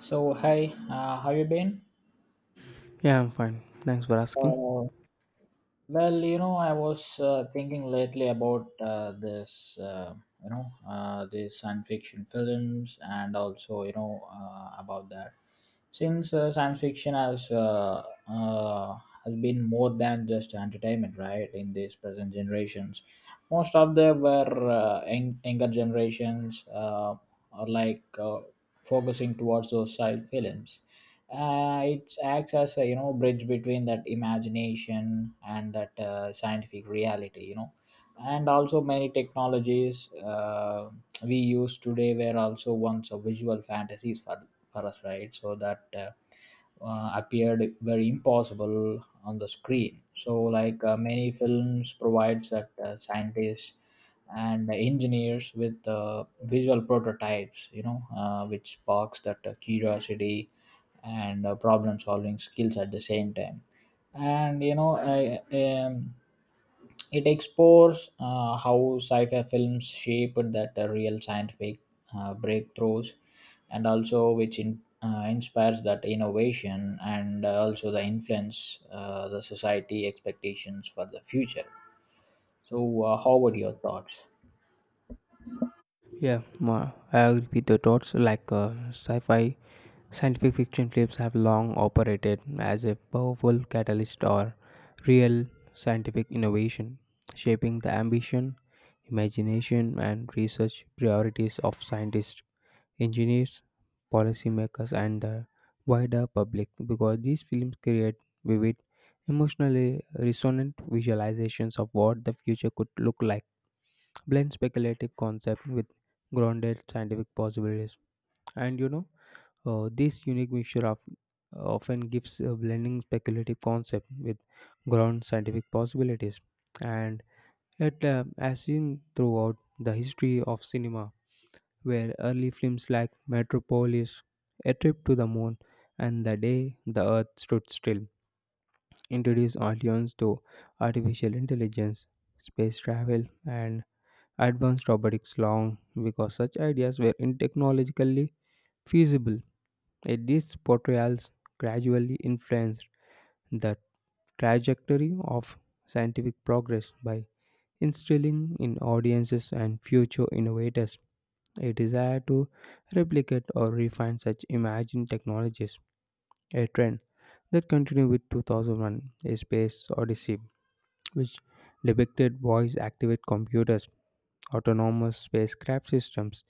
So, hi, how you been? Yeah, I'm fine. Thanks for asking. Uh, you know, I was thinking lately about you know, these science fiction films, and also, you know, about that. Since science fiction has been more than just entertainment, right? In these present generations, most of them were younger generations, are like focusing towards those side films. It acts as a, you know, bridge between that imagination and that scientific reality, you know, and also many technologies we use today were also once a visual fantasies for us, right? So that appeared very impossible on the screen. So, like many films, provides that scientists and engineers with visual prototypes, you know, which sparks that curiosity and problem-solving skills at the same time. And you know, I, It explores how sci fi films shaped that real scientific breakthroughs and also which inspires that innovation and also the influence the society expectations for the future. So, how would your thoughts? Yeah, I agree with your thoughts. Like sci fi, scientific fiction films have long operated as a powerful catalyst or real scientific innovation, shaping the ambition, imagination, and research priorities of scientists, engineers, policymakers, and the wider public because these films create vivid, emotionally resonant visualizations of what the future could look like blend speculative concept with grounded scientific possibilities. And you know, this unique mixture of often gives a blending speculative concept with ground scientific possibilities. And it, as seen throughout the history of cinema, where early films like Metropolis, A Trip to the Moon, and The Day the Earth Stood Still introduce audience to artificial intelligence, space travel, and advanced robotics long because such ideas were in technologically feasible. Yet these portrayals gradually influenced the trajectory of scientific progress by instilling in audiences and future innovators a desire to replicate or refine such imagined technologies, a trend that continued with 2001 A Space Odyssey, which depicted voice activated computers autonomous spacecraft systems,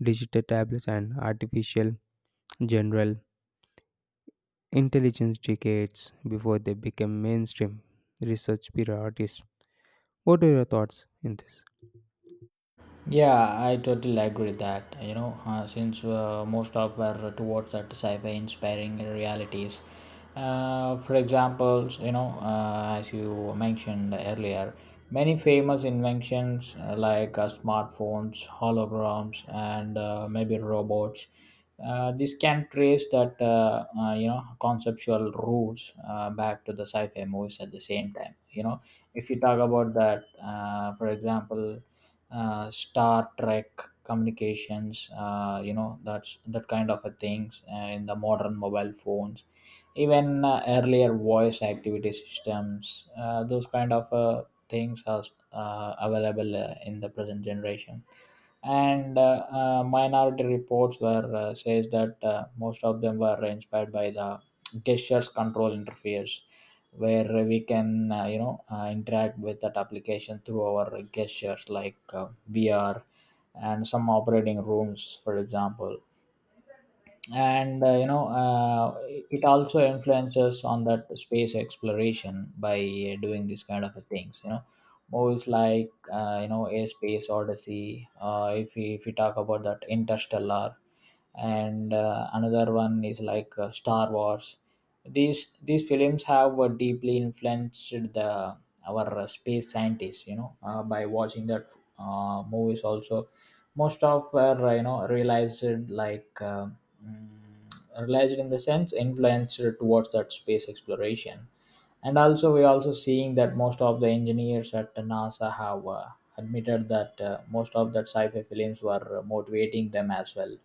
digital tablets, and artificial general intelligence decades before they became mainstream research priorities. What are your thoughts in this? Yeah, I totally agree with that. You know, since most of were towards that sci-fi inspiring realities. For examples, you know, as you mentioned earlier, many famous inventions smartphones, holograms, and maybe robots. This can trace that you know, conceptual roots back to the sci-fi movies at the same time. You know, if you talk about that, for example Star Trek communications, you know, that's that kind of a things in the modern mobile phones, even earlier voice activity systems, those kind of things are available in the present generation. And Minority reports were says that most of them were inspired by the gestures control interface, where we can, you know, interact with that application through our gestures, like vr and some operating rooms, for example. And, you know, it also influences on that space exploration by doing these kind of things, you know, movies like, you know, a space odyssey. If we talk about that interstellar and another one is like star wars, these films have deeply influenced the our space scientists, you know, by watching that movies. Also most of were, you know, like um Mm, realized, in the sense influenced towards that space exploration. And also, we're also seeing that most of the engineers at nasa have admitted that most of that sci-fi films were motivating them as well.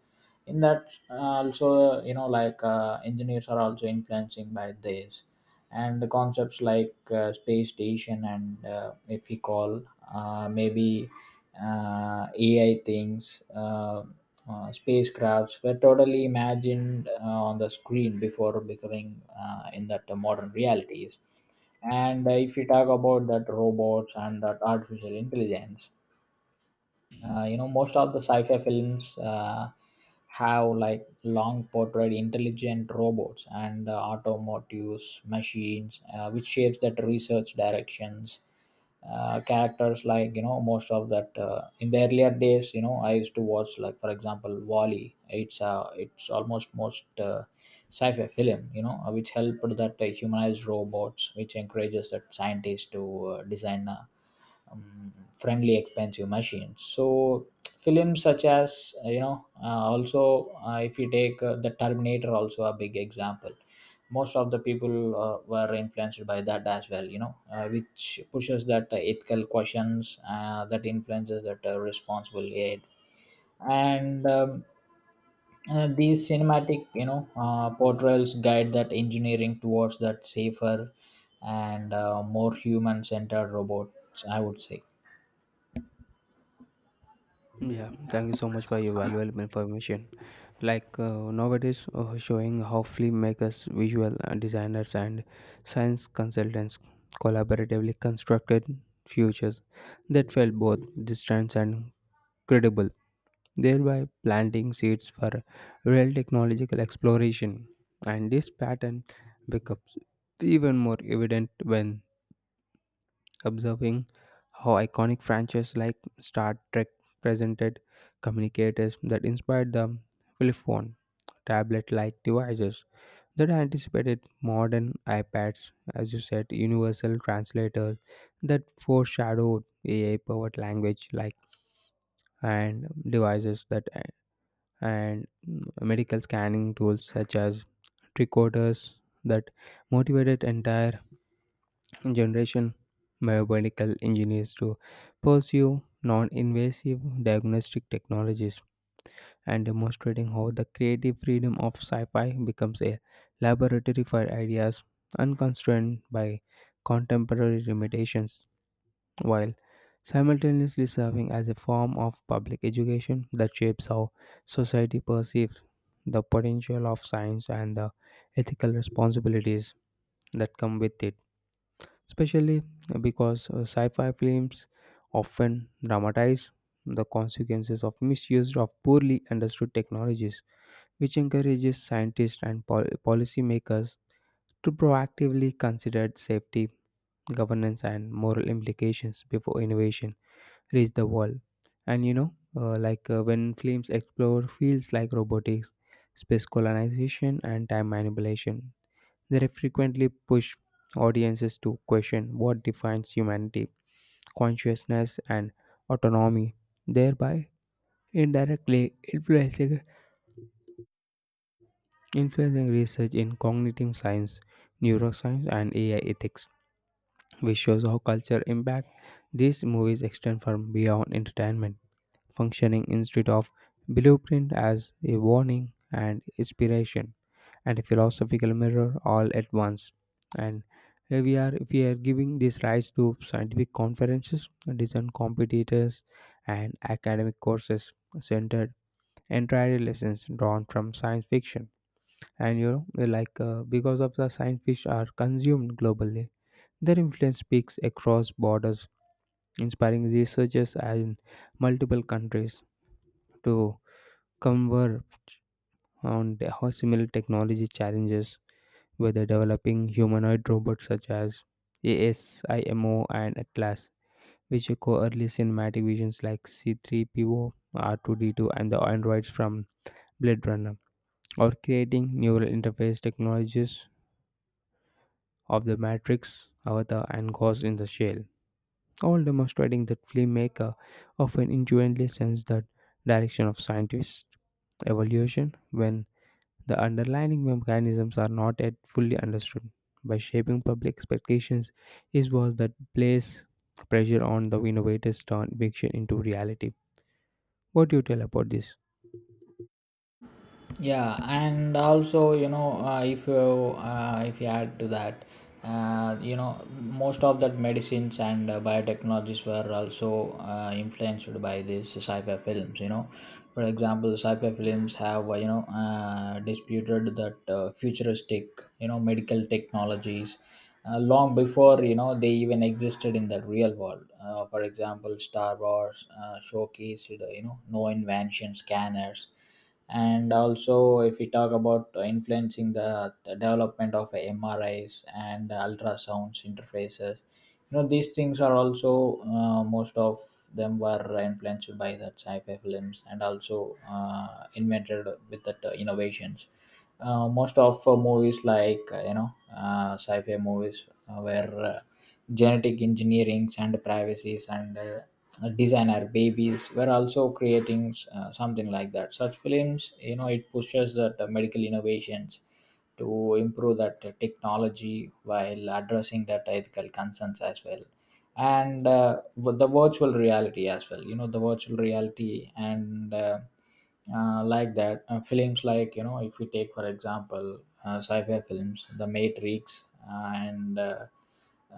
In that, also, you know, like engineers are also influencing by this, and the concepts like space station and, if you call maybe ai things, spacecrafts were totally imagined on the screen before becoming in that modern realities. And if you talk about that robots and that artificial intelligence, you know, most of the sci-fi films have like long portrayed intelligent robots and automotives machines, which shapes that research directions. Characters like, you know, most of that in the earlier days, you know, I used to watch, like for example wally. It's almost most sci-fi film, you know, which helped that humanized robots, which encourages that scientists to design friendly expensive machines. So films such as, you know, also if you take the terminator, also a big example. Most of the people were influenced by that as well, you know, which pushes that ethical questions that influences that responsible aid. And These cinematic, you know, portrayals guide that engineering towards that safer and more human centered robots, I would say. Yeah, thank you so much for your valuable information. Like nowadays, showing how filmmakers, visual designers, and science consultants collaboratively constructed futures that felt both distant and credible, thereby planting seeds for real technological exploration. And this pattern becomes even more evident when observing how iconic franchises like Star Trek presented communicators that inspired the flip phone, tablet like devices that anticipated modern iPads, as you said, universal translators that foreshadowed AI powered language like and devices that and medical scanning tools such as tricorders that motivated entire generation biomedical engineers to pursue non-invasive diagnostic technologies and demonstrating how the creative freedom of sci-fi becomes a laboratory for ideas unconstrained by contemporary limitations while simultaneously serving as a form of public education that shapes how society perceives the potential of science and the ethical responsibilities that come with it, especially because sci fi films often dramatize the consequences of misuse of poorly understood technologies, which encourages scientists and policymakers to proactively consider safety, governance, and moral implications before innovation reach the wall. And you know, like when films explore fields like robotics, space colonization, and time manipulation, they frequently push audiences to question what defines humanity, consciousness, and autonomy, thereby indirectly influencing research in cognitive science, neuroscience, and AI ethics, which shows how culture impact these movies extend far beyond entertainment, functioning instead of blueprint as a warning and inspiration and a philosophical mirror all at once. And here we are giving this rise to scientific conferences, design competitors, and academic courses centered entirely lessons drawn from science fiction. And you know, like because of the science fiction are consumed globally, their influence speaks across borders, inspiring researchers in multiple countries to converged how similar technology challenges whether developing humanoid robots such as ASIMO and Atlas, which echo early cinematic visions like C3PO, R2D2, and the androids from Blade Runner, or creating neural interface technologies of the Matrix, Avatar, and Ghost in the Shell, all demonstrating that filmmaker often intuitively sense the direction of scientist evolution when the underlying mechanisms are not yet fully understood. By shaping public expectations is was that place pressure on the innovators to turn fiction into reality. What do you tell about this? Yeah, and also, you know, if you add to that, you know, most of that medicines and biotechnologies were also influenced by these sci-fi films, you know. For example, sci-fi films have, you know, disputed that futuristic, you know, medical technologies long before, you know, they even existed in the real world. For example, Star Wars showcased, you know, no invention scanners, and also if we talk about influencing the development of MRIs and ultrasounds interfaces. You know, these things are also, most of them were influenced by that sci-fi films, and also invented with that innovations. Most of movies like, sci-fi movies, where genetic engineerings and privacies and, designer babies, were also creating something like that, such films, you know. It pushes that medical innovations to improve that technology while addressing that ethical concerns as well. And with the virtual reality as well, you know, the virtual reality and, like that films like, you know, if we take for example sci-fi films, the matrix and uh,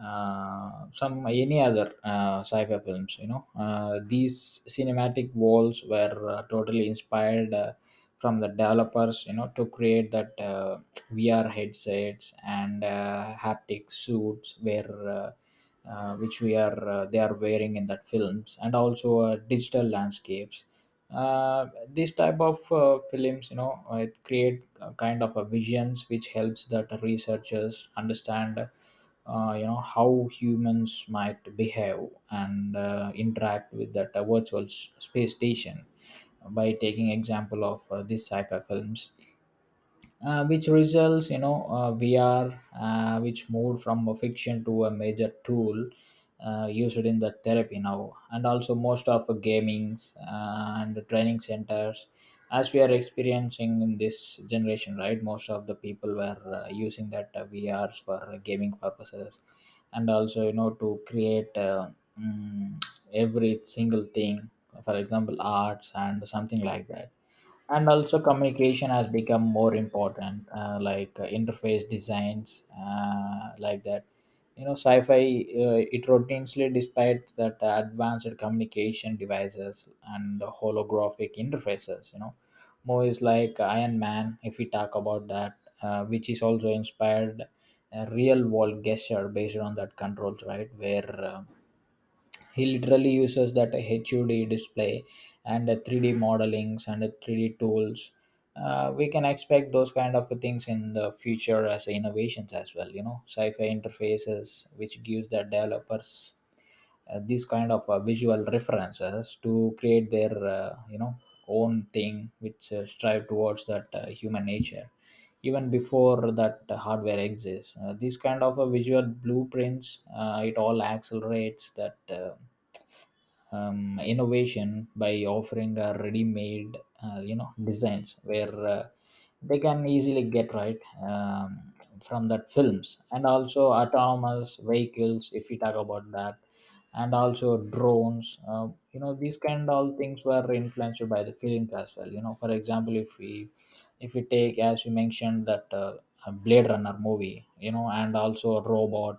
uh, some any other sci-fi films, you know, these cinematic walls were totally inspired from the developers, you know, to create that vr headsets and haptic suits, where, which we are they are wearing in that films, and also digital landscapes. uh, these type of films, you know, it create a kind of a visions which helps that researchers understand you know, how humans might behave and interact with that space station by taking example of these sci-fi films, which results, you know, vr which moved from a fiction to a major tool used in the therapy now, and also most of the gamings and the training centers as we are experiencing in this generation, right? Most of the people were using that vrs for gaming purposes, and also, you know, to create, mm, every single thing, for example arts and something like that. And also, communication has become more important, interface designs, like that, you know. Sci-fi, it routinely despite that advanced communication devices and the holographic interfaces, you know, movies like iron man, if we talk about that, which is also inspired a real world gesture based on that controls, right? Where he literally uses that HUD display and the 3D modelings and the 3D tools. We can expect those kind of things in the future as innovations as well. You know, sci-fi interfaces which gives the developers these kind of visual references to create their, you know, own thing, which strive towards that human nature even before that hardware exists. These kind of visual blueprints, it all accelerates that innovation by offering a ready-made, you know, designs where they can easily get right, from that films. And also autonomous vehicles, if we talk about that, and also drones, you know, these kind all things were influenced by the films as well, you know. For example, if we take, as you mentioned that, blade runner movie, you know, and also a robot,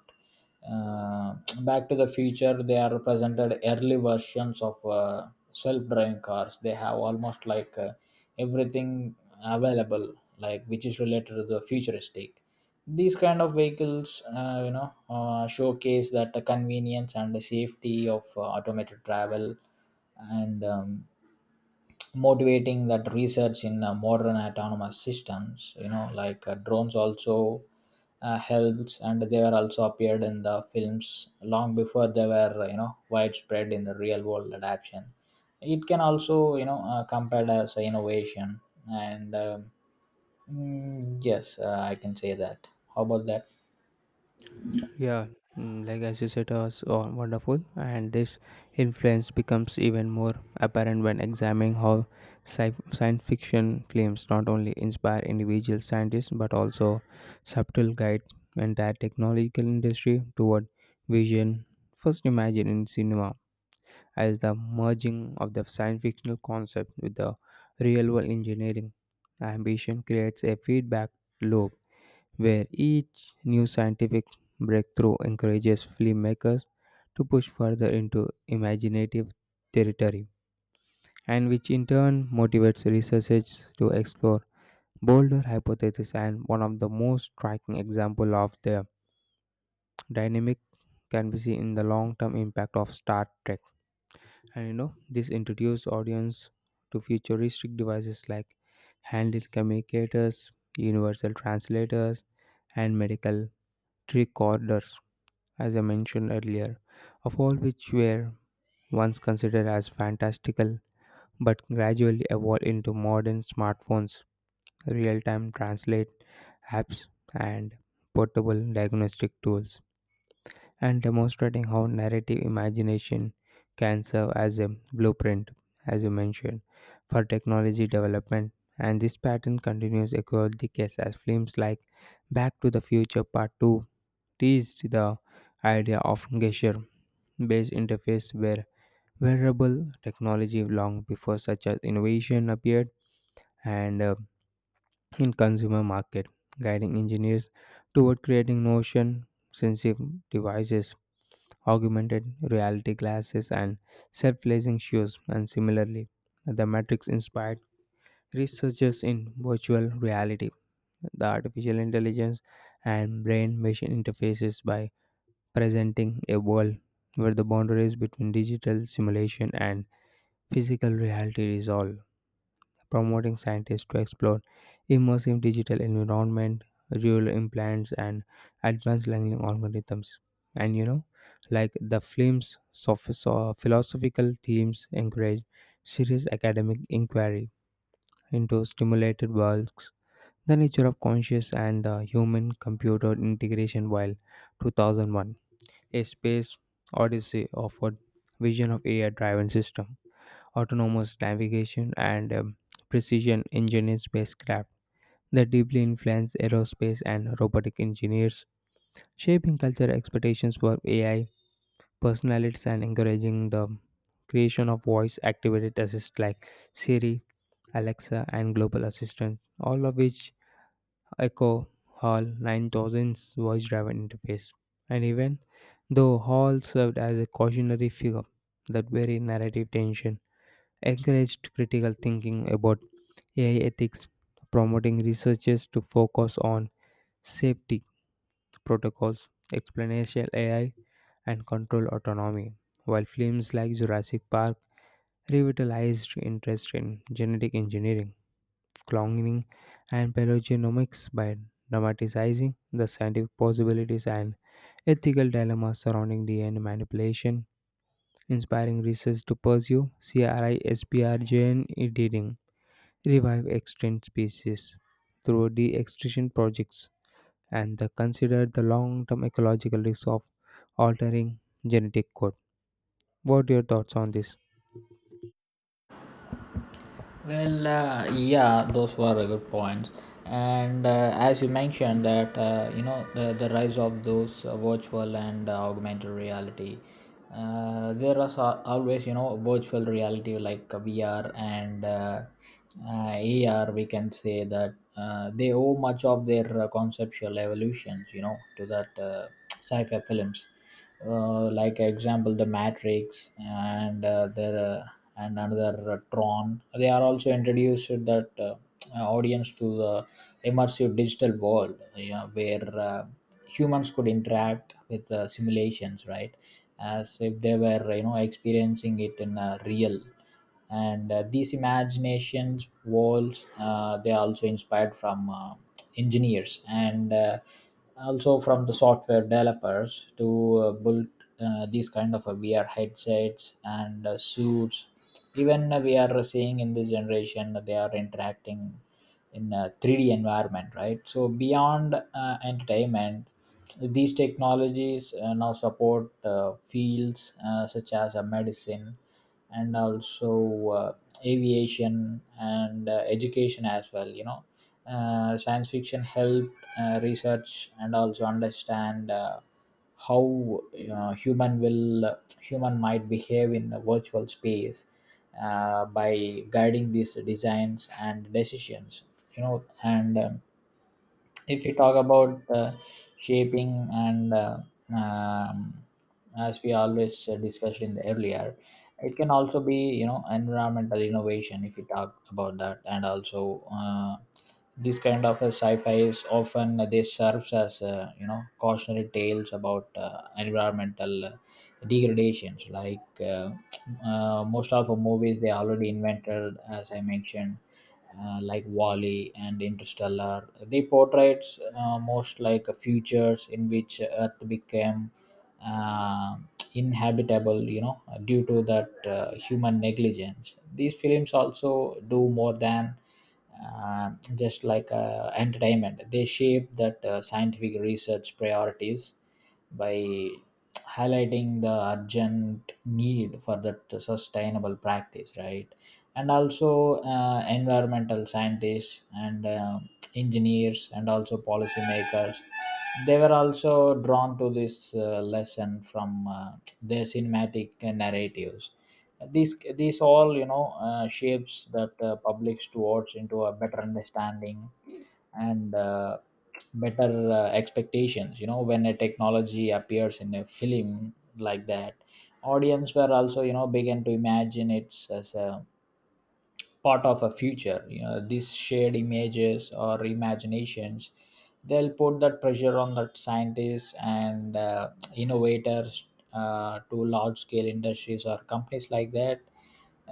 uh, back to the future, they are presented early versions of self-driving cars. They have almost like everything available, like, which is related to the futuristic, these kind of vehicles. Uh, you know, showcase that the convenience and the safety of automated travel, and motivating that research in modern autonomous systems. You know, like drones also helps, and they were also appeared in the films long before they were, you know, widespread in the real world adaptation. It can also, you know, compared as a innovation, and. um yes, i can say that. How about that? Yeah, mm, like as you said, was wonderful, and this influence becomes even more apparent when examining how science fiction films not only inspire individual scientists but also subtle guide entire technological industry toward vision first imagined in cinema as the merging of the science fictional concept with the real world engineering. Ambition creates a feedback loop where each new scientific breakthrough encourages filmmakers to push further into imaginative territory, and which in turn motivates researchers to explore bolder hypotheses. And one of the most striking example of the dynamic can be seen in the long-term impact of Star Trek. And you know, this introduced audience to futuristic devices like handheld communicators, universal translators, and medical recorders as I mentioned earlier, of all which were once considered as fantastical but gradually evolved into modern smartphones, real time translate apps, and portable diagnostic tools, and demonstrating how narrative imagination can serve as a blueprint, as you mentioned, for technology development. And this pattern continues across decades as films like Back to the Future Part 2 teased the idea of gesture based interface were wearable technology long before such as innovation appeared and in consumer market guiding engineers toward creating motion sensitive devices augmented reality glasses and self-lacing shoes and similarly the matrix inspired researchers in virtual reality the artificial intelligence and brain machine interfaces by presenting a world where the boundaries between digital simulation and physical reality is all promoting scientists to explore immersive digital environment, real implants, and advanced learning algorithms. And you know, like the film's philosophical themes encourage serious academic inquiry into stimulated worlds, the nature of conscious, and the human-computer integration. While 2001, a space odyssey offered vision of AI-driven system autonomous navigation, and precision engineering spacecraft that deeply influence aerospace and robotic engineers, shaping cultural expectations for AI personalities and encouraging the creation of voice activated assist like Siri, Alexa, and global assistant, all of which echo Hall 9000's voice driven interface. And even though Hall served as a cautionary figure, that very narrative tension encouraged critical thinking about AI ethics, promoting researchers to focus on safety protocols, explanation AI, and control autonomy, while films like Jurassic Park revitalized interest in genetic engineering, cloning, and paleogenomics by dramatizing the scientific possibilities and ethical dilemmas surrounding DNA manipulation, inspiring research to pursue CRISPR gene editing revive extinct species through de-extinction projects and the consider the long-term ecological risks of altering genetic code. What are your thoughts on this? Well, yeah, those were a good points. And as you mentioned that, you know, the rise of those virtual and augmented reality. Always, you know, virtual reality like VR and AR. We can say that they owe much of their conceptual evolutions, you know, to that sci-fi films, example The Matrix and the and another Tron. They are also introduced that audience to the immersive digital world where humans could interact with simulations, right? As if they were experiencing it in a real. And these imaginations walls they are also inspired from engineers and also from the software developers to build these kind of vr headsets and suits. Even we are seeing in this generation that they are interacting in a 3D environment, right? So beyond entertainment, these technologies now support fields such as medicine and also aviation and education as well. Science fiction helped research and also understand how human might behave in a virtual space by guiding these designs and decisions. You know and If you talk about shaping and um, as we always discussed in the earlier, it can also be environmental innovation if you talk about that. And also this kind of a sci-fi is often this serves as cautionary tales about environmental degradations, like most of the movies they already invented, as I mentioned, like Wally and Interstellar. They portrayed most like futures in which Earth became uh, inhabitable, you know, due to that human negligence. These films also do more than uh, just like entertainment. They shape that scientific research priorities by highlighting the urgent need for that sustainable practice, right? And also environmental scientists and engineers and also policymakers, they were also drawn to this lesson from their cinematic narratives. These all, shapes that publics towards into a better understanding, and better expectations. You know, when a technology appears in a film like that, audience were also began to imagine it as a part of a future. You know, these shared images or imaginations, they'll put that pressure on that scientists and innovators, to large scale industries or companies like that,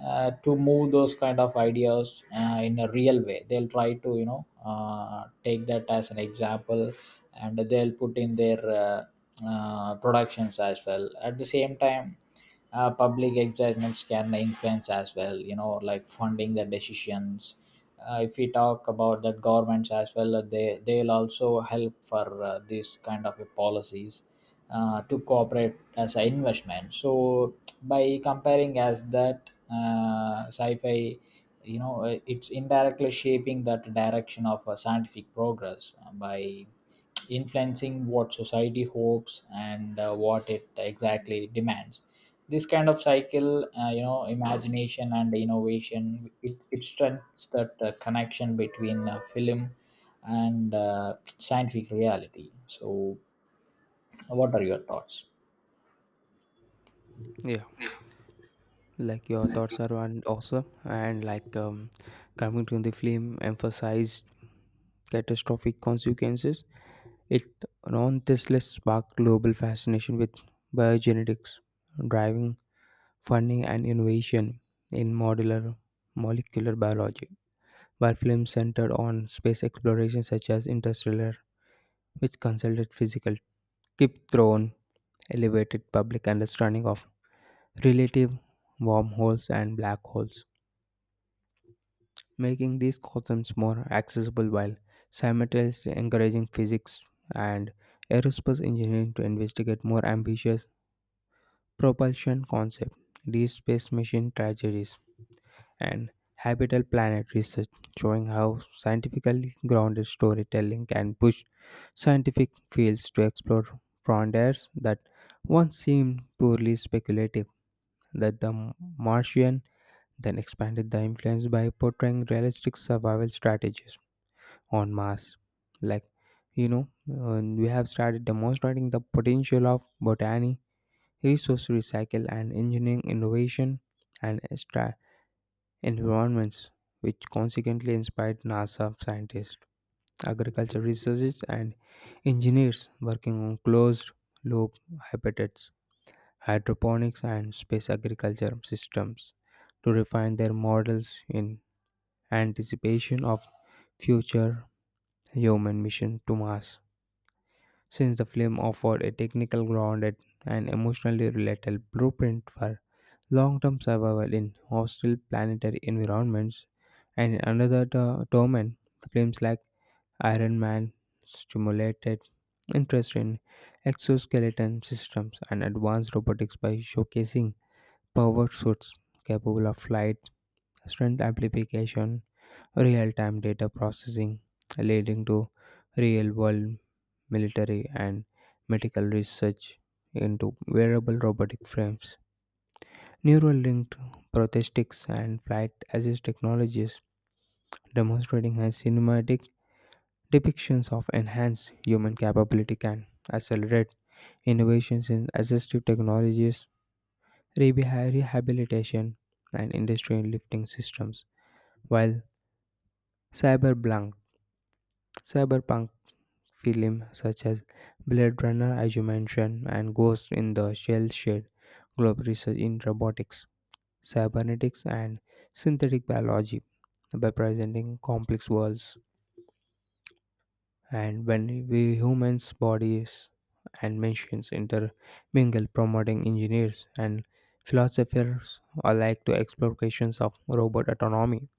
to move those kind of ideas in a real way. They'll try to, take that as an example and they'll put in their productions as well. At the same time, public excitement can influence as well, you know, like funding the decisions. If we talk about that governments as well, they they'll also help for this kind of a policies to cooperate as an investment. So by comparing as that sci-fi, it's indirectly shaping that direction of scientific progress by influencing what society hopes and what it exactly demands. This kind of cycle, imagination and innovation, it strengthens that connection between film and scientific reality. So what are your thoughts? Yeah, like your thoughts are awesome, and like coming to the film emphasized catastrophic consequences. It nonetheless sparked global fascination with biogenetics, driving funding and innovation in modular molecular biology, while films centered on space exploration such as Interstellar, which consulted physical keep thrown, elevated public understanding of relative wormholes and black holes, making these concepts more accessible while simultaneously encouraging physics and aerospace engineering to investigate more ambitious propulsion concepts. Deep space machine tragedies and habitable planet research, showing how scientifically grounded storytelling can push scientific fields to explore frontiers that once seemed purely speculative. That the Martian then expanded the influence by portraying realistic survival strategies on Mars, like you know, and we have started demonstrating the potential of botany, resource recycle, and engineering innovation and environments, which consequently inspired NASA scientists, agriculture researchers, and engineers working on closed loop habitats, hydroponics, and space agriculture systems to refine their models in anticipation of future human mission to Mars. Since the film offered a technical grounded and emotionally relatable blueprint for long term survival in hostile planetary environments, and another domain, films like Iron Man stimulated interest in exoskeleton systems and advanced robotics by showcasing powered suits capable of flight, strength amplification, real time data processing, leading to real world military and medical research into wearable robotic frames. Neural linked prosthetics and flight assist technologies, demonstrating how cinematic depictions of enhanced human capability can accelerate innovations in assistive technologies, rehabilitation, and industry lifting systems. While cyberpunk, cyberpunk film such as Blade Runner, as you mentioned, and Ghost in the Shell Shade, Globe Research in Robotics cybernetics, and synthetic biology by presenting complex worlds. And when we humans' bodies and machines intermingle, promoting engineers and philosophers alike to explorations of robot autonomy,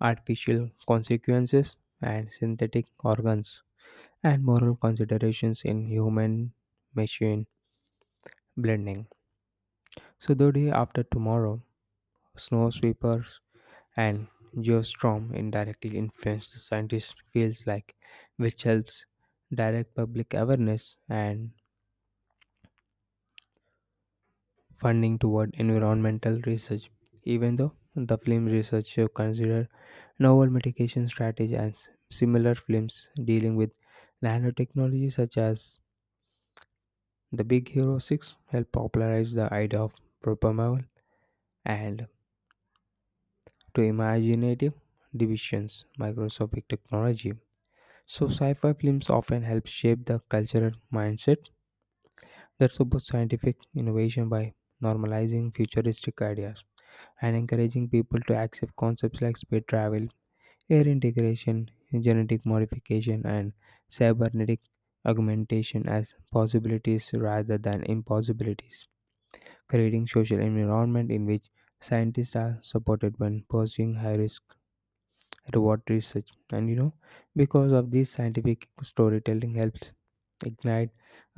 artificial consequences, and synthetic organs, and moral considerations in human machine blending. So, Dodi, after tomorrow, snow sweepers and geostrom indirectly influenced the scientist fields like which helps direct public awareness and funding toward environmental research even though the film research researcher consider novel mitigation strategies and similar films dealing with nanotechnology such as the big hero 6 help popularize the idea of propamal and to imaginative divisions microscopic technology. So, sci fi films often help shape the cultural mindset that supports scientific innovation by normalizing futuristic ideas and encouraging people to accept concepts like space travel, air integration, genetic modification, and cybernetic augmentation as possibilities rather than impossibilities, creating social environment in which scientists are supported when pursuing high risk reward research and you know because of this scientific storytelling helps ignite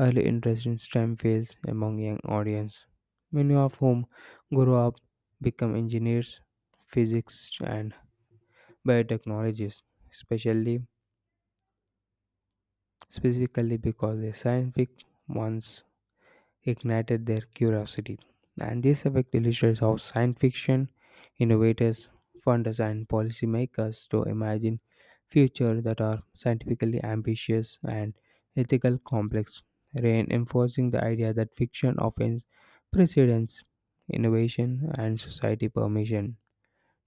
early interest in STEM fields among young audience. Many of whom grow up become engineers, physics and biotechnologists, especially specifically because the scientific ones ignited their curiosity. And this effect illustrates how science fiction innovators, funders, and policymakers to imagine futures that are scientifically ambitious and ethical complex, reinforcing the idea that fiction offers precedence, innovation, and society permission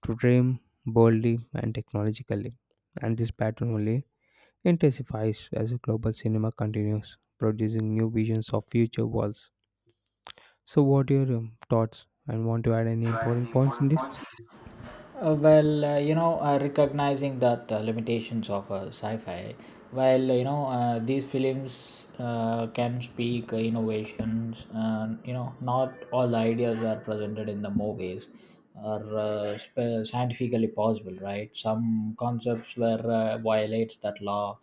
to dream boldly and technologically. And this pattern only intensifies as global cinema continues producing new visions of future worlds. So, what are your thoughts and want to add any Do you add any important points in important this? points? Well, recognizing that limitations of sci-fi, while these films can speak innovations, and, you know, not all the ideas are presented in the movies are scientifically possible, right? Some concepts were violates that law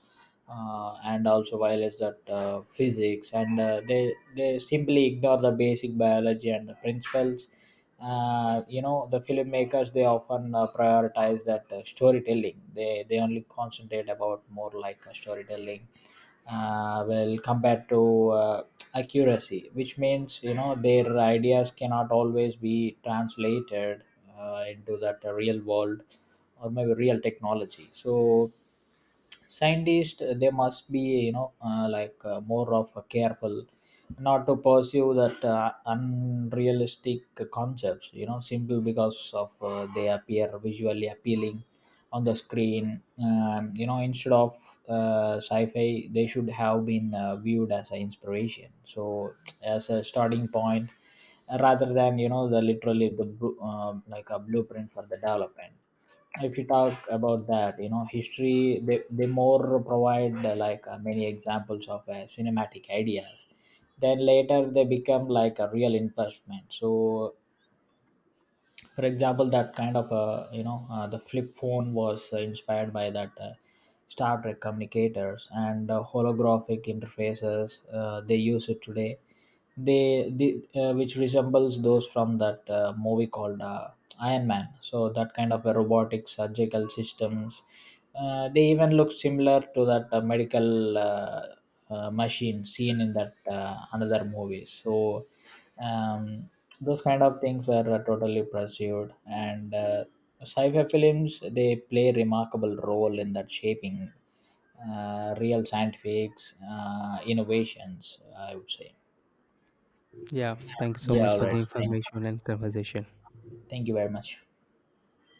and also violates that physics and they simply ignore the basic biology and the principles. You know, the filmmakers, they often prioritize that storytelling. They only concentrate about more like storytelling well compared to accuracy, which means, you know, their ideas cannot always be translated into that real world or maybe real technology. So scientists, they must be, more of a careful not to pursue that unrealistic concepts, you know, simple because of they appear visually appealing on the screen. You know, instead of sci-fi, they should have been viewed as an inspiration, so as a starting point, rather than, you know, the literally the like a blueprint for the development. If you talk about that, you know, history, they more provide many examples of cinematic ideas, then later they become like a real investment. So for example, that kind of, the flip phone was inspired by that Star Trek communicators. And holographic interfaces they use it today. They which resembles those from that movie called Iron Man. So that kind of a robotic surgical systems. They even look similar to that medical machine seen in that another movie. So um, those kind of things were totally pursued and. Sci-fi films, they play remarkable role in that shaping real scientific innovations, I would say. Yeah, thank you so Yeah, much all for right. the thank, information and conversation. Thank you very much.